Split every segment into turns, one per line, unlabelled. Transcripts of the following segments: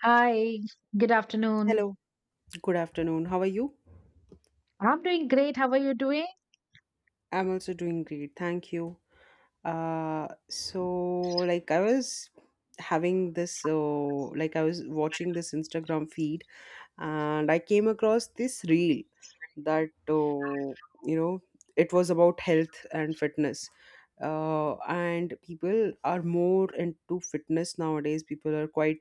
Hi, good afternoon.
Hello, good afternoon. How are you?
I'm doing great. How are you doing?
I'm also doing great. Thank you. So like I was having like I was watching this Instagram feed, and I came across this reel that you know it was about health and fitness. And people are more into fitness nowadays. People are quite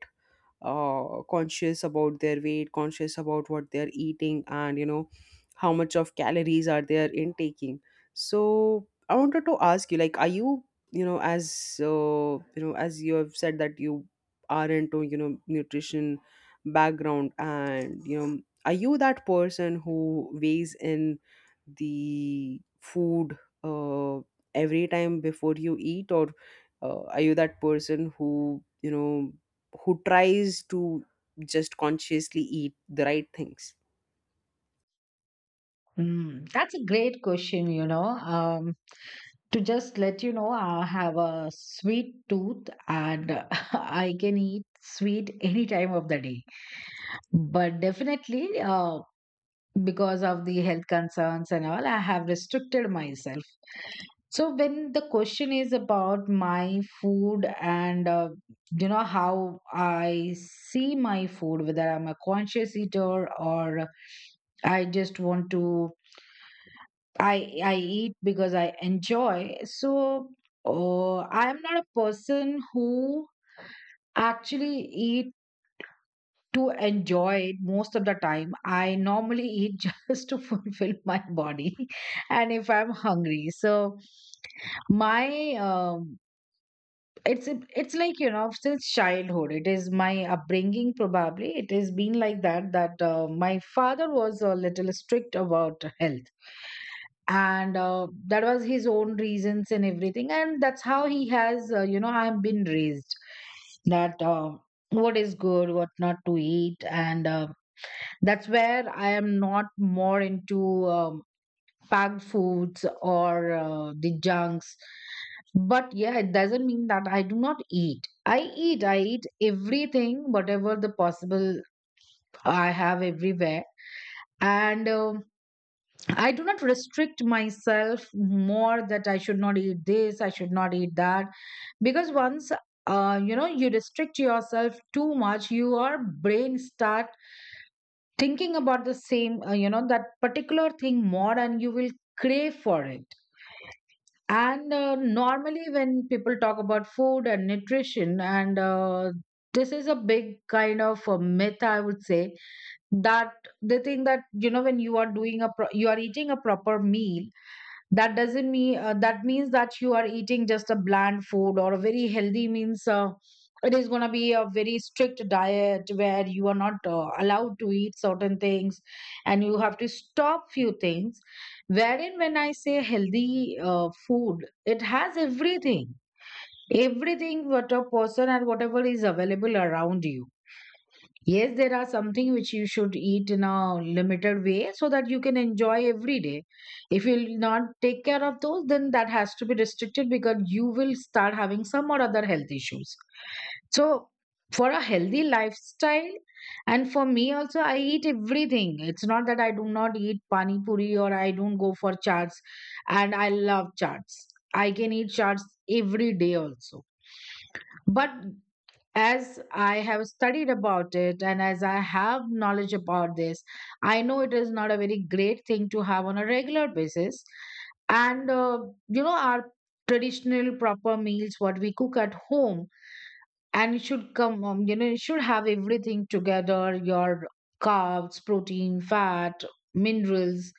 conscious about their weight, conscious about what they're eating, and how much of calories are they intaking. So I wanted to ask you, like, are you, you know, as you know, as you have said that you are into, nutrition background, are you that person who weighs in the food uh, every time before you eat, or are you that person who who tries to just consciously eat the right things?
Mm, that's a great question, you know. To just let you know, I have a sweet tooth and I can eat sweet any time of the day. But definitely, because of the health concerns and all, I have restricted myself. So when the question is about my food and you know how I see my food, whether I'm a conscious eater or I just want to, I eat because I enjoy. So I'm not a person who actually eat to enjoy it most of the time. I normally eat just to fulfill my body, and if I'm hungry. So my it's it's like, you know, since childhood, it is my upbringing. Probably it has been like that, that my father was a little strict about health, and that was his own reasons and everything, and that's how he has, you know, I've been raised that what is good, what not to eat. And that's where I am not more into um, packed foods or the junks. But yeah, it doesn't mean that I do not eat. I eat, I eat everything, whatever the possible I have everywhere. And I do not restrict myself more that I should not eat this, I should not eat that. Because once, you know, you restrict yourself too much, your brain start thinking about the same, you know, that particular thing more, and you will crave for it. And normally, when people talk about food and nutrition, and this is a big kind of a myth, I would say, that they think that, you know, when you are doing you are eating a proper meal, that doesn't mean that means that you are eating just a bland food or a very healthy means it is going to be a very strict diet where you are not allowed to eat certain things and you have to stop few things, wherein when I say healthy food, it has everything, everything what a person and whatever is available around you. Yes, there are something which you should eat in a limited way so that you can enjoy every day. If you'll not take care of those, then that has to be restricted because you will start having some or other health issues. So for a healthy lifestyle, and for me also, I eat everything. It's not that I do not eat pani puri or I don't go for chaats, and I love chaats. I can eat chaats every day also. But as I have studied about it and as I have knowledge about this, I know it is not a very great thing to have on a regular basis. And you know, our traditional proper meals, what we cook at home, and it should come, you know, it should have everything together, your carbs, protein, fat, minerals,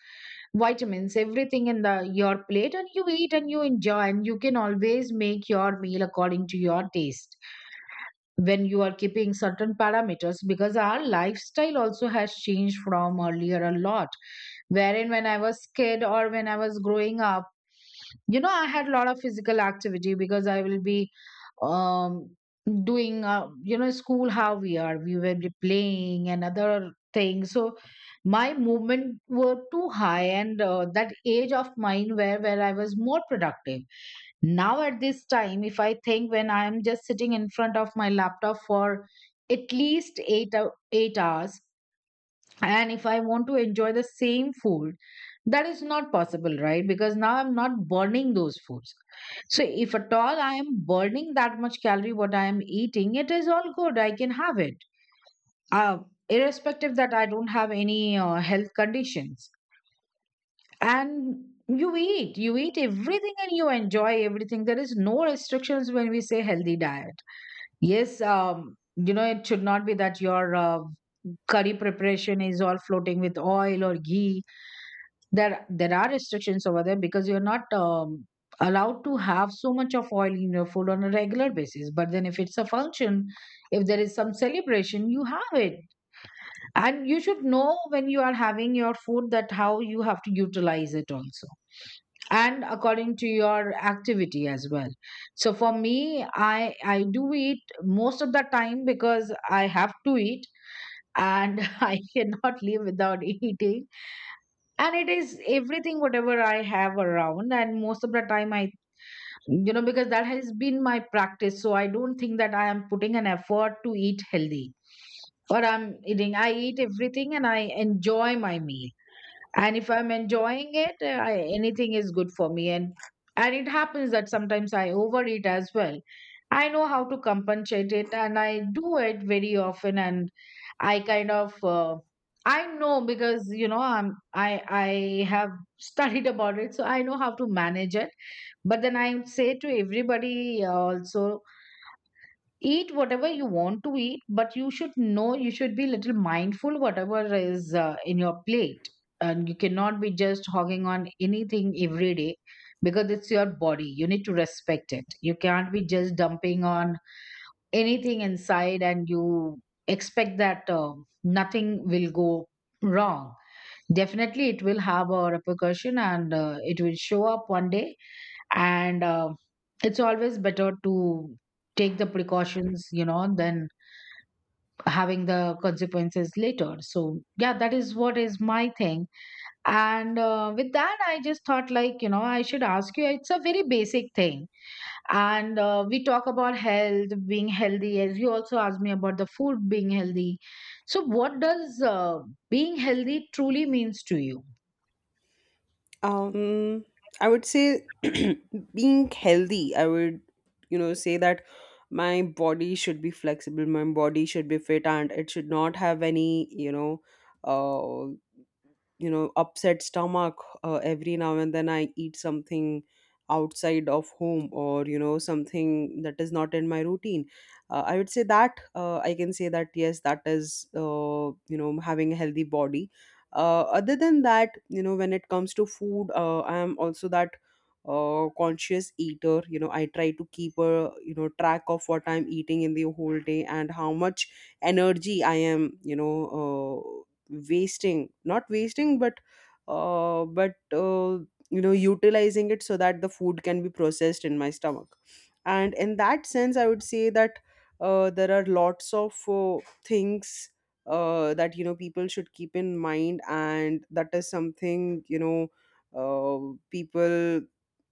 vitamins, everything in the your plate, and you eat and you enjoy, and you can always make your meal according to your taste when you are keeping certain parameters, because our lifestyle also has changed from earlier a lot, wherein when I was kid or when I was growing up, you know, I had a lot of physical activity because I will be um doing, you know, school, how we will be playing and other things. So my movement were too high, and that age of mine where I was more productive. Now at this time if I think, when I am just sitting in front of my laptop for at least 8 hours, and if I want to enjoy the same food, that is not possible, right? Because now I'm not burning those foods. So if at all I am burning that much calorie what I am eating, it is all good, I can have it, uh, irrespective that I don't have any health conditions. And you eat, you eat everything and you enjoy everything. There is no restrictions when we say healthy diet. Yes, you know, it should not be that your curry preparation is all floating with oil or ghee. There are restrictions over there because you're not allowed to have so much of oil in your food on a regular basis. But then if it's a function, if there is some celebration, you have it. And you should know when you are having your food, that how you have to utilize it also, and according to your activity as well. So for me, i do eat most of the time, because I have to eat and I cannot live without eating. And it is everything, whatever I have around, and most of the time i, you know, because that has been my practice, so I don't think that I am putting an effort to eat healthy, or I eat everything and I enjoy my meal. And if I'm enjoying it, anything is good for me. And it happens that sometimes I overeat as well. I know how to compensate it and I do it very often. And I kind of, I know because, you know, I have studied about it, so I know how to manage it. But then I say to everybody also, eat whatever you want to eat, but you should know, you should be little mindful whatever is in your plate. And you cannot be just hogging on anything every day, because it's your body, you need to respect it. You can't be just dumping on anything inside and you expect that nothing will go wrong. Definitely it will have a repercussion, and it will show up one day. And it's always better to take the precautions, you know, than having the consequences later. So yeah, that is what is my thing. And with that, I just thought, like, you know, I should ask you, it's a very basic thing. And we talk about health, being healthy, as you also asked me about the food being healthy. So what does being healthy truly means to you?
Um, I would say, being healthy, I would say that my body should be flexible, my body should be fit, and it should not have any, uh. you know, upset stomach. Every now and then I eat something outside of home, or something that is not in my routine. I can say that yes, that is having a healthy body. Other than that, you know, when it comes to food, I am also that conscious eater. You know, I try to keep a, you know, track of what I'm eating in the whole day, and how much energy I am, wasting, not wasting, but uh, but uh, you know, utilizing it, so that the food can be processed in my stomach. And in that sense, I would say that there are lots of things that, you know, people should keep in mind. And that is something, you know, people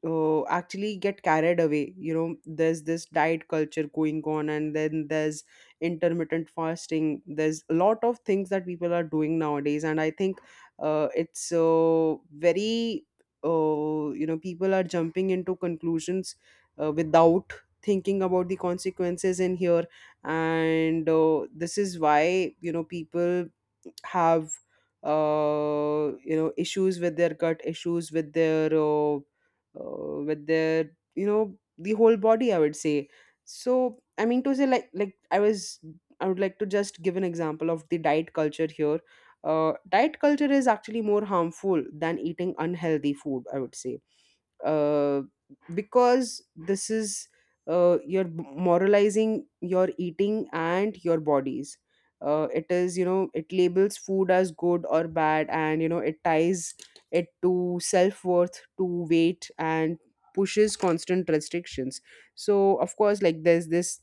actually get carried away. You know, there's this diet culture going on, and then there's intermittent fasting, there's a lot of things that people are doing nowadays. And I think it's very you know, people are jumping into conclusions without thinking about the consequences in here. And this is why, you know, people have you know, issues with their gut, issues with their, you know, the whole body, I would say. So I mean to say, like, I would like to just give an example of the diet culture here. Diet culture is actually more harmful than eating unhealthy food, I would say, uh, because this is you're moralizing your eating and your bodies. It is, you know, it labels food as good or bad, and you know, it ties it to self-worth, to weight, and pushes constant restrictions. So of course, like, there's this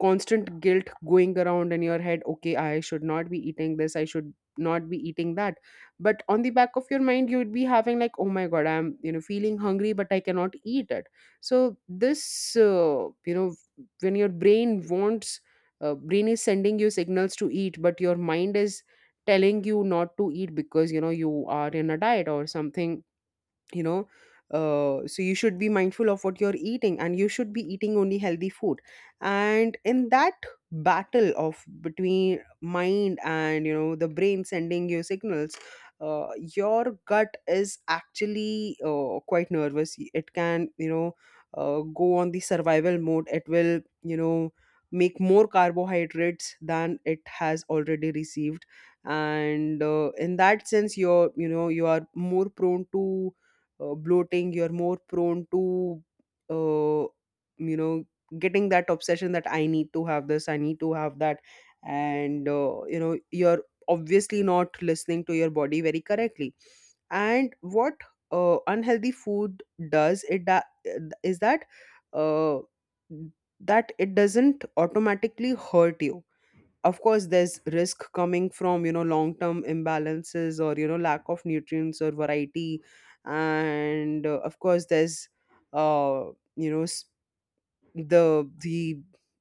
constant guilt going around in your head: okay, I should not be eating this, I should not be eating that. But on the back of your mind, you would be having like, oh my god, I'm, you know, feeling hungry, but I cannot eat it. So this, you know, when your brain wants, brain is sending you signals to eat, but your mind is telling you not to eat, because, you know, you are in a diet or something, you know. So you should be mindful of what you're eating, and you should be eating only healthy food. And in that battle of between mind and, you know, the brain sending you signals, uh, your gut is actually quite nervous. It can, you know, go on the survival mode. It will, you know, make more carbohydrates than it has already received. And in that sense, you're, you know, you are more prone to bloating, you're more prone to uh, you know, getting that obsession that I need to have this, I need to have that. And you know, you're obviously not listening to your body very correctly. And what unhealthy food does, is that uh, that it doesn't automatically hurt you. Of course, there's risk coming from, you know, long term imbalances, or you know, lack of nutrients or variety. And of course, there's uh, you know, the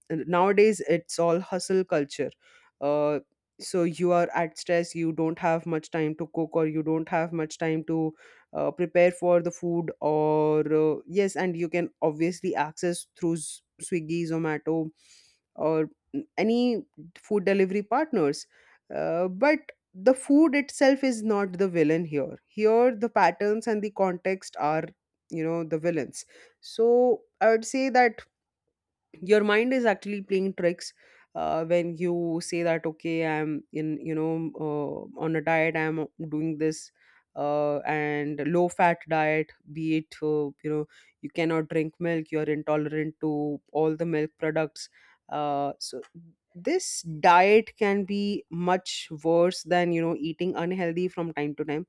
nowadays it's all hustle culture. uh so you are at stress, you don't have much time to cook, or you don't have much time to prepare for the food, or yes, and you can obviously access through Swiggy, Zomato, or any food delivery partners. But the food itself is not the villain here. Here the patterns and the context are, you know, the villains. So I would say that your mind is actually playing tricks when you say that, okay, I'm in, you know, on a diet, I'm doing this, and low fat diet, be it, you know, you cannot drink milk, you're intolerant to all the milk products. So this diet can be much worse than, you know, eating unhealthy from time to time,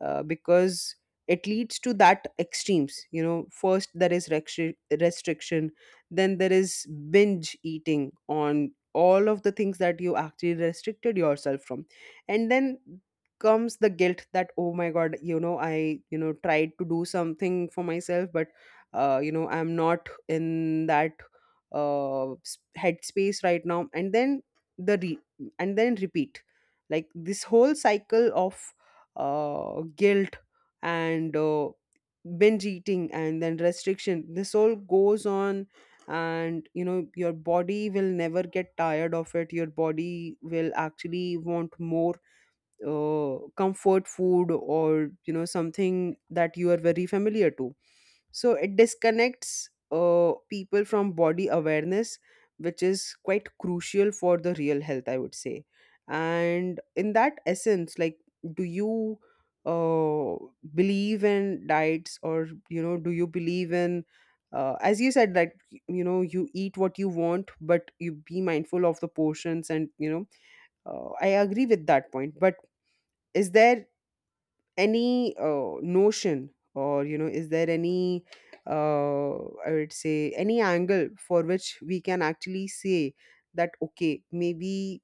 because it leads to that extremes. You know, first there is restriction, then there is binge eating on all of the things that you actually restricted yourself from. And then comes the guilt that, oh my god, you know, I, you know, tried to do something for myself, but you know, I'm not in that headspace right now, and then the re- and then repeat. Like this whole cycle of guilt and binge eating and then restriction, this all goes on. And you know, your body will never get tired of it. Your body will actually want more comfort food, or you know, something that you are very familiar to. So it disconnects people from body awareness, which is quite crucial for the real health, I would say. And in that essence, like, do you uh, believe in diets, or you know, do you believe in as you said, that you know, you eat what you want, but you be mindful of the portions. And you know, I agree with that point, but is there any notion, or you know, is there any uh, I would say, any angle for which we can actually say that, okay, maybe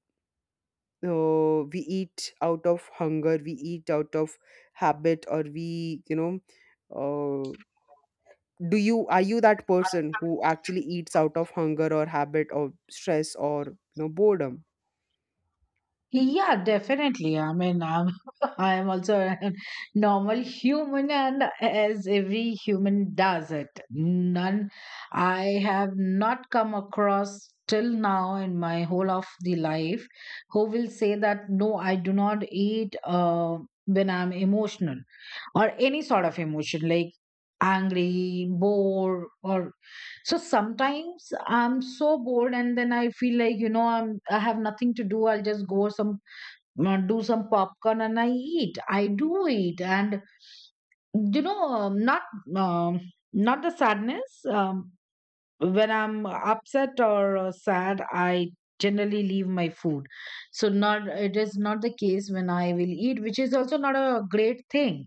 we eat out of hunger, we eat out of habit, or we, you know, uh, do you, are you that person who actually eats out of hunger, or habit, or stress, or you know, boredom?
Yeah, definitely. I mean, I'm I am also a normal human, and as every human does it. None, I have not come across till now in my whole of the life who will say that no, I do not eat when I'm emotional or any sort of emotion like angry, bored, or so sometimes I'm so bored, and then I feel like, you know, I have nothing to do. I'll just go some not do some popcorn and I eat. I do eat. And you know, um, not the sadness. When I'm upset or sad, I generally leave my food. So not, it is not the case when I will eat, which is also not a great thing.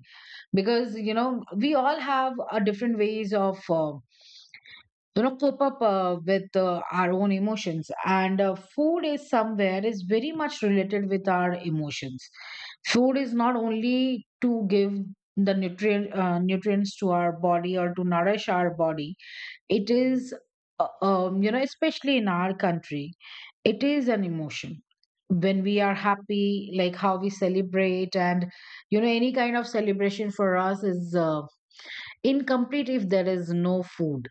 Because, you know, we all have a different ways of. You know, cope up with our own emotions. And food is somewhere is very much related with our emotions. Food is not only to give the nutrients to our body or to nourish our body. It is you know, especially in our country, it is an emotion. When we are happy, like how we celebrate, and you know, any kind of celebration for us is incomplete if there is no food.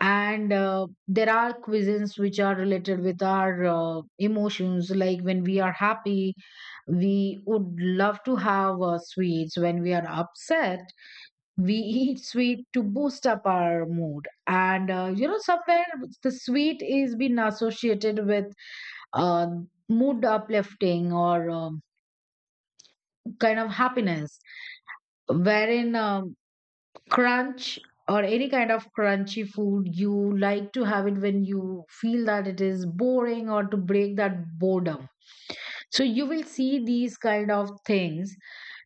And there are cuisines which are related with our emotions. Like when we are happy, we would love to have sweets. When we are upset, we eat sweet to boost up our mood. And you know, somewhere the sweet is been associated with uh, mood uplifting or kind of happiness, wherein crunch or any kind of crunchy food you like to have it when you feel that it is boring or to break that boredom. So you will see these kind of things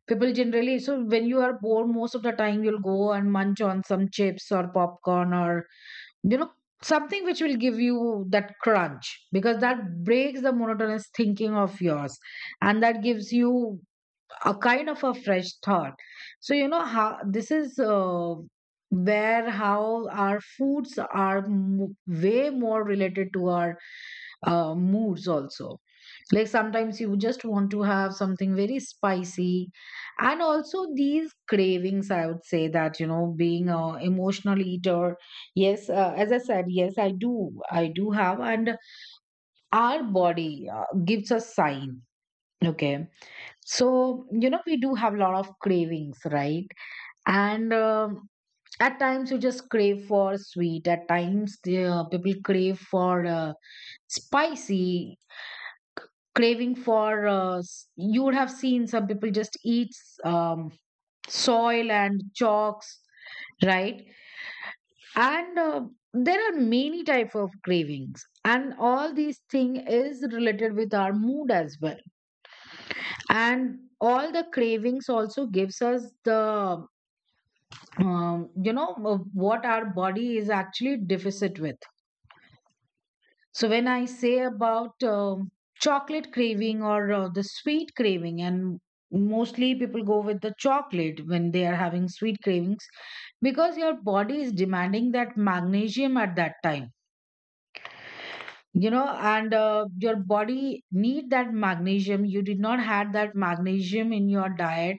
people generally. So when you are bored, most of the time you'll go and munch on some chips or popcorn or, you know, something which will give you that crunch, because that breaks the monotonous thinking of yours, and that gives you a kind of a fresh thought. So you know how this is, where how our foods are way more related to our moods also. Like sometimes you just want to have something very spicy. And also these cravings, I would say that, you know, being a emotional eater, yes, as I said, yes, I do, have. And our body gives us sign, okay? So, you know, we do have a lot of cravings, right? And at times you just crave for sweet, at times people crave for spicy, craving for. You would have seen some people just eat um, soil and chalks, right? And There are many type of cravings. And all these thing is related with our mood as well. And all the cravings also gives us the you know what our body is actually deficit with. So when I say about chocolate craving or the sweet craving, and mostly people go with the chocolate when they are having sweet cravings, because your body is demanding that magnesium at that time, you know. And Your body need that magnesium, you did not had that magnesium in your diet,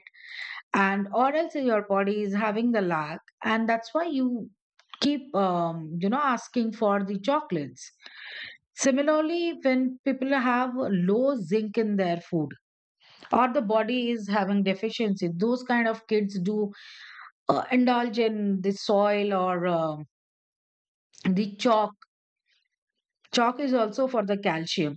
and or else your body is having the lack, and that's why you keep asking for the chocolates. Similarly, when people have low zinc in their food, or the body is having deficiency, those kind of kids do indulge in the soil or the chalk. Chalk is also for the calcium.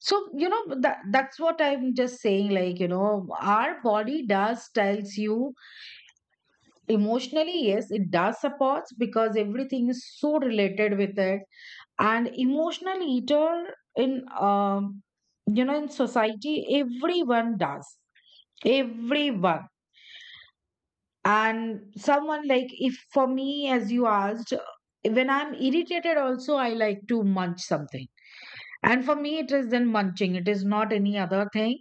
So you know that's what I'm just saying, like, you know, our body does tells you. Emotionally, yes, it does supports, because everything is so related with it. And emotional eater in um you know in society, everyone does, everyone. And someone like, if for me, as you asked, when I'm irritated also I like to munch something. And for me it is then munching, it is not any other thing,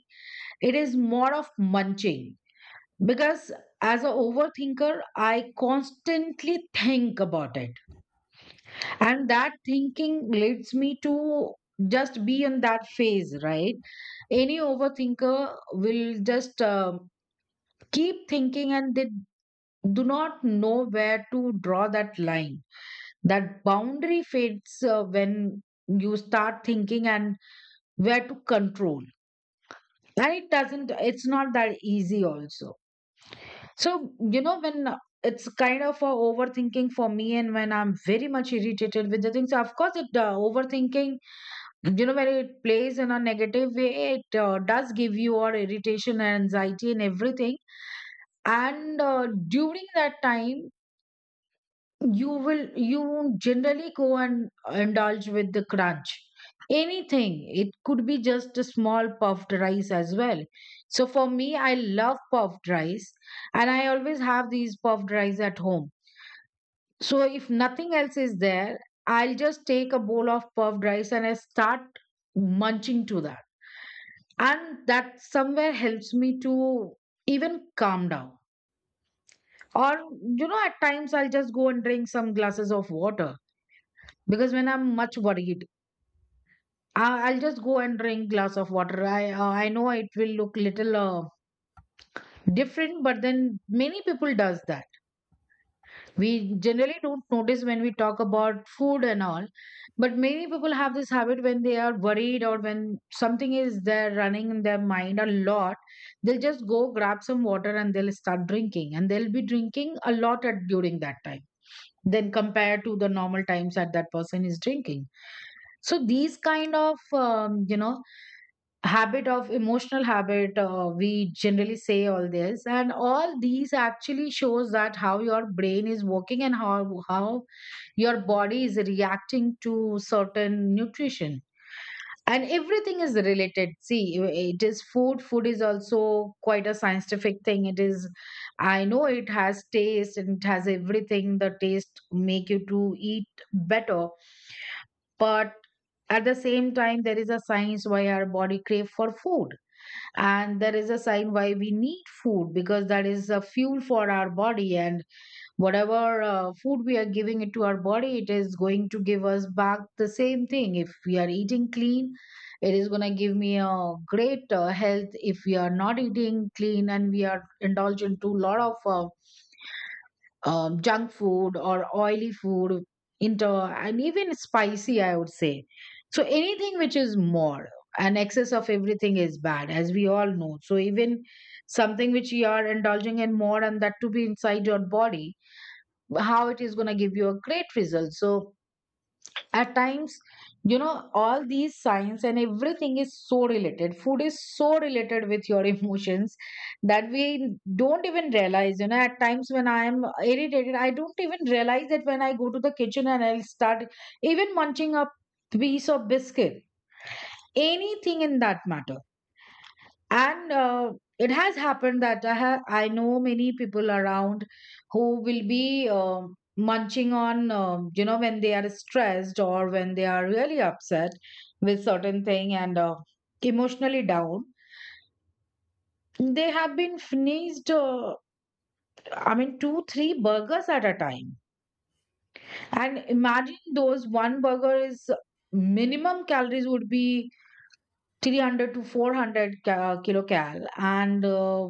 it is more of munching. Because as an overthinker, I constantly think about it. And that thinking leads me to just be in that phase, right? Any overthinker will just keep thinking, and they do not know where to draw that line. That boundary fades when you start thinking and where to control. And it doesn't, it's not that easy also. So, you know, when it's kind of a overthinking for me, and when I'm very much irritated with the things, of course, it overthinking, you know, when it plays in a negative way, it does give you all irritation and anxiety and everything. And During that time, you generally go and indulge with the crunch, anything, it could be just a small puffed rice as well. So for me, I love puffed rice, and I always have these puffed rice at home. So if nothing else is there, I'll just take a bowl of puffed rice and I start munching to that, and that somewhere helps me to even calm down. Or, you know, at times I'll just go and drink some glasses of water, because when I'm much worried, I'll just go and drink glass of water. I I know it will look little different, but then many people does that. We generally don't notice when we talk about food and all, but many people have this habit when they are worried, or when something is there running in their mind a lot, they'll just go grab some water and they'll start drinking, and they'll be drinking a lot at during that time, then compared to the normal times that person is drinking. So these kind of habit of emotional habit, we generally say all this, and all these actually shows that how your brain is working, and how your body is reacting to certain nutrition. And everything is related, see, it is food, is also quite a scientific thing. It is, I know it has taste and it has everything, the taste make you to eat better. But at the same time, there is a science why our body crave for food. And there is a sign why we need food, because that is a fuel for our body. And whatever food we are giving it to our body, it is going to give us back the same thing. If we are eating clean, it is going to give me a great health. If we are not eating clean, and we are indulging to a lot of junk food or oily food, into, and even spicy I would say. So anything which is more, and excess of everything is bad, as we all know. So even something which you are indulging in more, and that to be inside your body, how it is going to give you a great result? So at times, you know, all these science and everything is so related. Food is so related with your emotions, that we don't even realize. You know, at times when I am irritated, I don't even realize that when I go to the kitchen, and I'll start even munching a piece of biscuit, anything in that matter. And it has happened that I know many people around who will be munching on when they are stressed, or when they are really upset with certain thing, and emotionally down, they have been finished 2 3 burgers at a time. And imagine those one burger is minimum calories would be 300 to 400 kilocal, and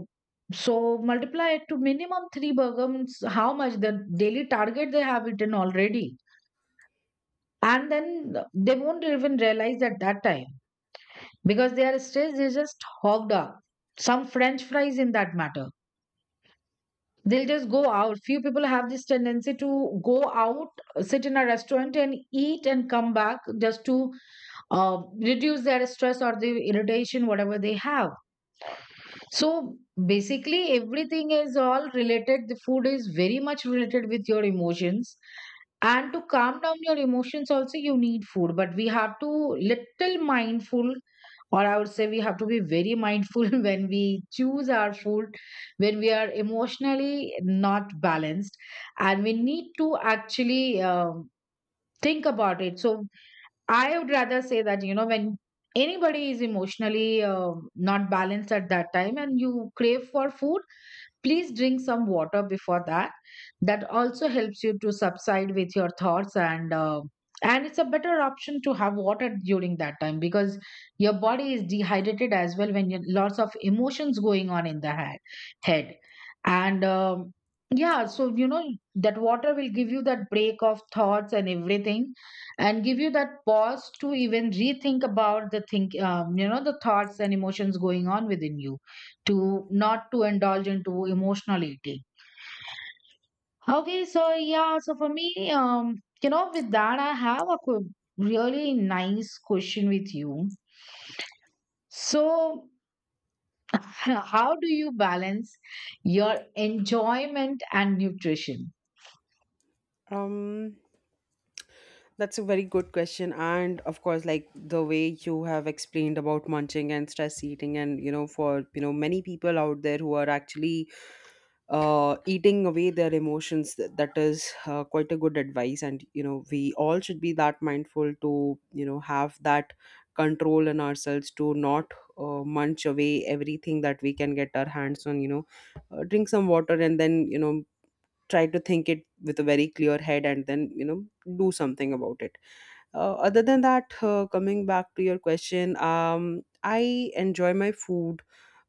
so multiply it to minimum three burgums, how much the daily target they have eaten already. And then they won't even realize at that time, because they are stressed, they just hogged up some french fries in that matter. They'll just go out, few people have this tendency to go out, sit in a restaurant and eat and come back, just to uh, reduce their stress or the irritation, whatever they have. So basically, everything is all related. The food is very much related with your emotions. And to calm down your emotions also, you need food. But we have to little mindful, or I would say we have to be very mindful when we choose our food, when we are emotionally not balanced. And we need to actually think about it. So I would rather say that, you know, when anybody is emotionally not balanced at that time, and you crave for food, please drink some water before that. That also helps you to subside with your thoughts, and it's a better option to have water during that time, because your body is dehydrated as well when you lots of emotions going on in the head. And yeah, so you know that water will give you that break of thoughts and everything, and give you that pause to even rethink about the think you know the thoughts and emotions going on within you, to not to indulge into emotional eating. Okay, so yeah, so for me, you know, with that, I have a really nice question with you. So, how do you balance your enjoyment and nutrition?
Um, that's a very good question. And of course, like the way you have explained about munching and stress eating, and you know, for, you know, many people out there who are actually eating away their emotions, that is quite a good advice. And you know, we all should be that mindful to, you know, have that control in ourselves to not munch away everything that we can get our hands on. You know, drink some water, and then you know, try to think it with a very clear head, and then you know, do something about it. Other than that, coming back to your question, I enjoy my food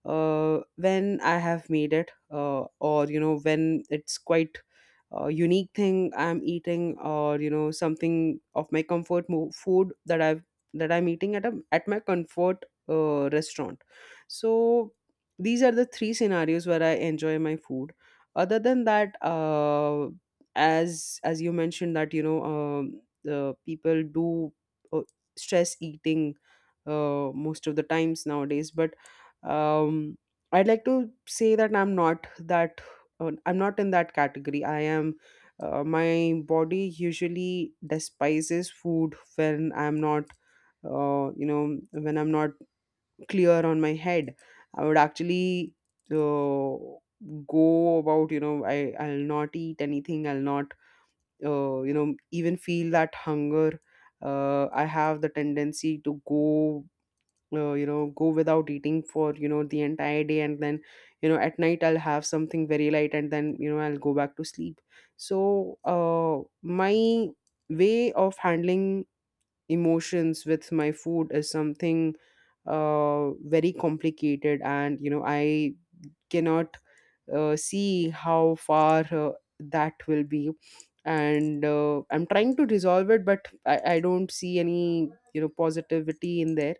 when I have made it, or you know, when it's quite a unique thing I'm eating, or you know, something of my comfort food that I've that I'm eating at a at my comfort restaurant. So these are the three scenarios where I enjoy my food. Other than that, as you mentioned that you know. The people do uh, stress eating most of the times nowadays, but um, I'd like to say that I'm not that I'm not in that category. I am My body usually despises food when I'm not uh, you know when I'm not clear on my head. I would actually uh, go about, I I'll not eat anything, I'll not even feel that hunger. I have the tendency to go go without eating for the entire day, and then at night I'll have something very light, and then I'll go back to sleep. So my way of handling emotions with my food is something very complicated, and I cannot see how far that will be. And I'm trying to resolve it, but I don't see any positivity in there.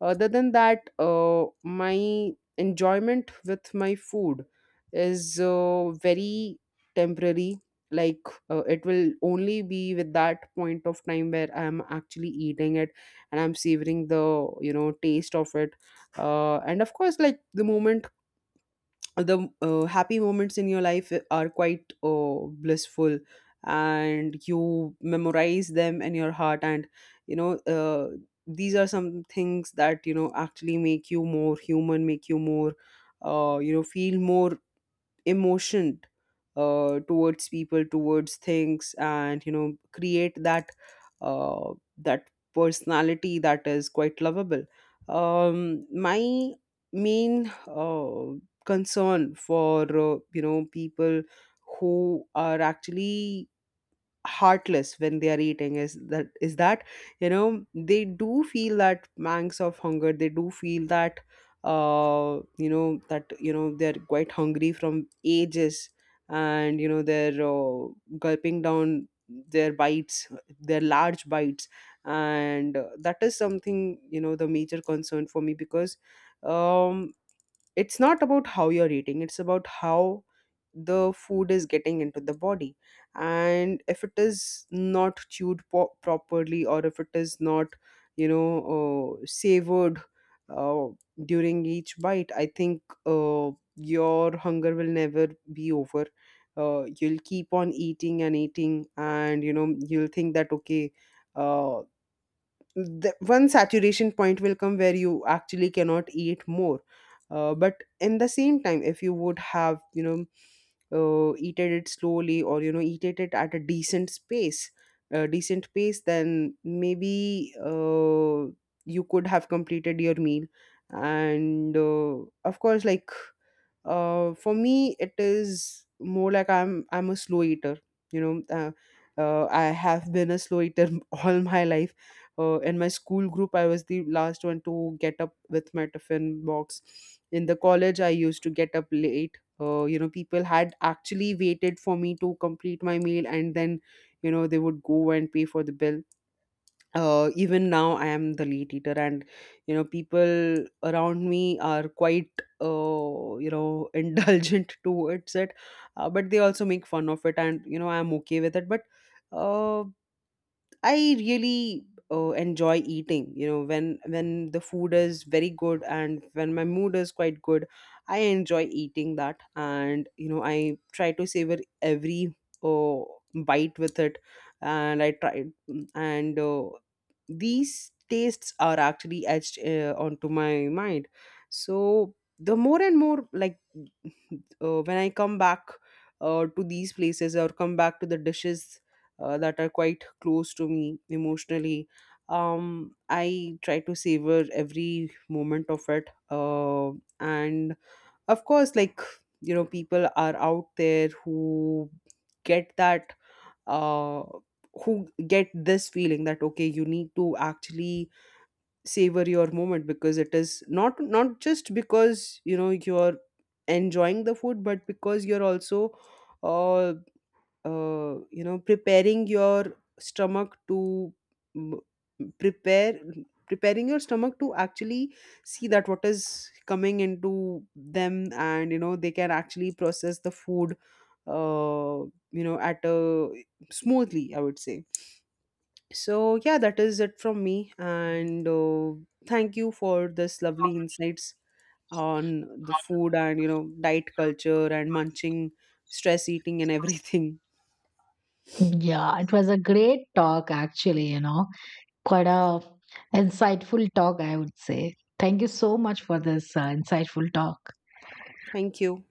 Other than that, my enjoyment with my food is very temporary. Like, it will only be with that point of time where I'm actually eating it and I'm savoring the taste of it. And of course, like the moment, the happy moments in your life are quite blissful, and you memorize them in your heart. And you know uh, these are some things that actually make you more human, make you more feel more emotion towards people, towards things, and create that that personality that is quite lovable. My main concern for people who are actually heartless when they are eating is that they do feel that pangs of hunger, they do feel that that they're quite hungry from ages, and they're gulping down their bites, their large bites. And that is something, the major concern for me, because um it's not about how you're eating, it's about how the food is getting into the body. And if it is not properly, or if it is not you know savored uh, during each bite, I think your hunger will never be over. You'll keep on eating and eating, and you'll think that okay, uh, the one saturation point will come where you actually cannot eat more. But in the same time, if you would have eaten it slowly, or eaten it at a decent pace, then maybe you could have completed your meal. And of course, like, for me, it is more like I'm a slow eater. You know, uh, I have been a slow eater all my life. In my school group, I was the last one to get up with my tiffin box. In the college, I used to get up late. People had actually waited for me to complete my meal, and then they would go and pay for the bill. Even now I am the late eater, and people around me are quite indulgent towards it. But they also make fun of it, and I'm okay with it. But uh, I really enjoy eating. You know, when the food is very good and when my mood is quite good, I enjoy eating that. And, I try to savor every uh, bite with it, and I try. And these tastes are actually etched onto my mind. So the more and more, like, when I come back to these places, or come back to the dishes that are quite close to me emotionally. I try to savor every moment of it. And of course, like, you know, people are out there who get that, uh, who get this feeling that okay, you need to actually savor your moment, because it is not, not just because you're enjoying the food, but because you're also uh preparing your stomach to mm, prepare preparing your stomach to actually see that what is coming into them, and they can actually process the food uh at a, smoothly, I would say. So yeah, that is it from me. And thank you for this lovely insights on the food, and diet culture and munching, stress eating and everything.
Yeah, it was a great talk, actually, you know, quite a insightful talk, I would say. Thank you so much for this insightful talk.
Thank you.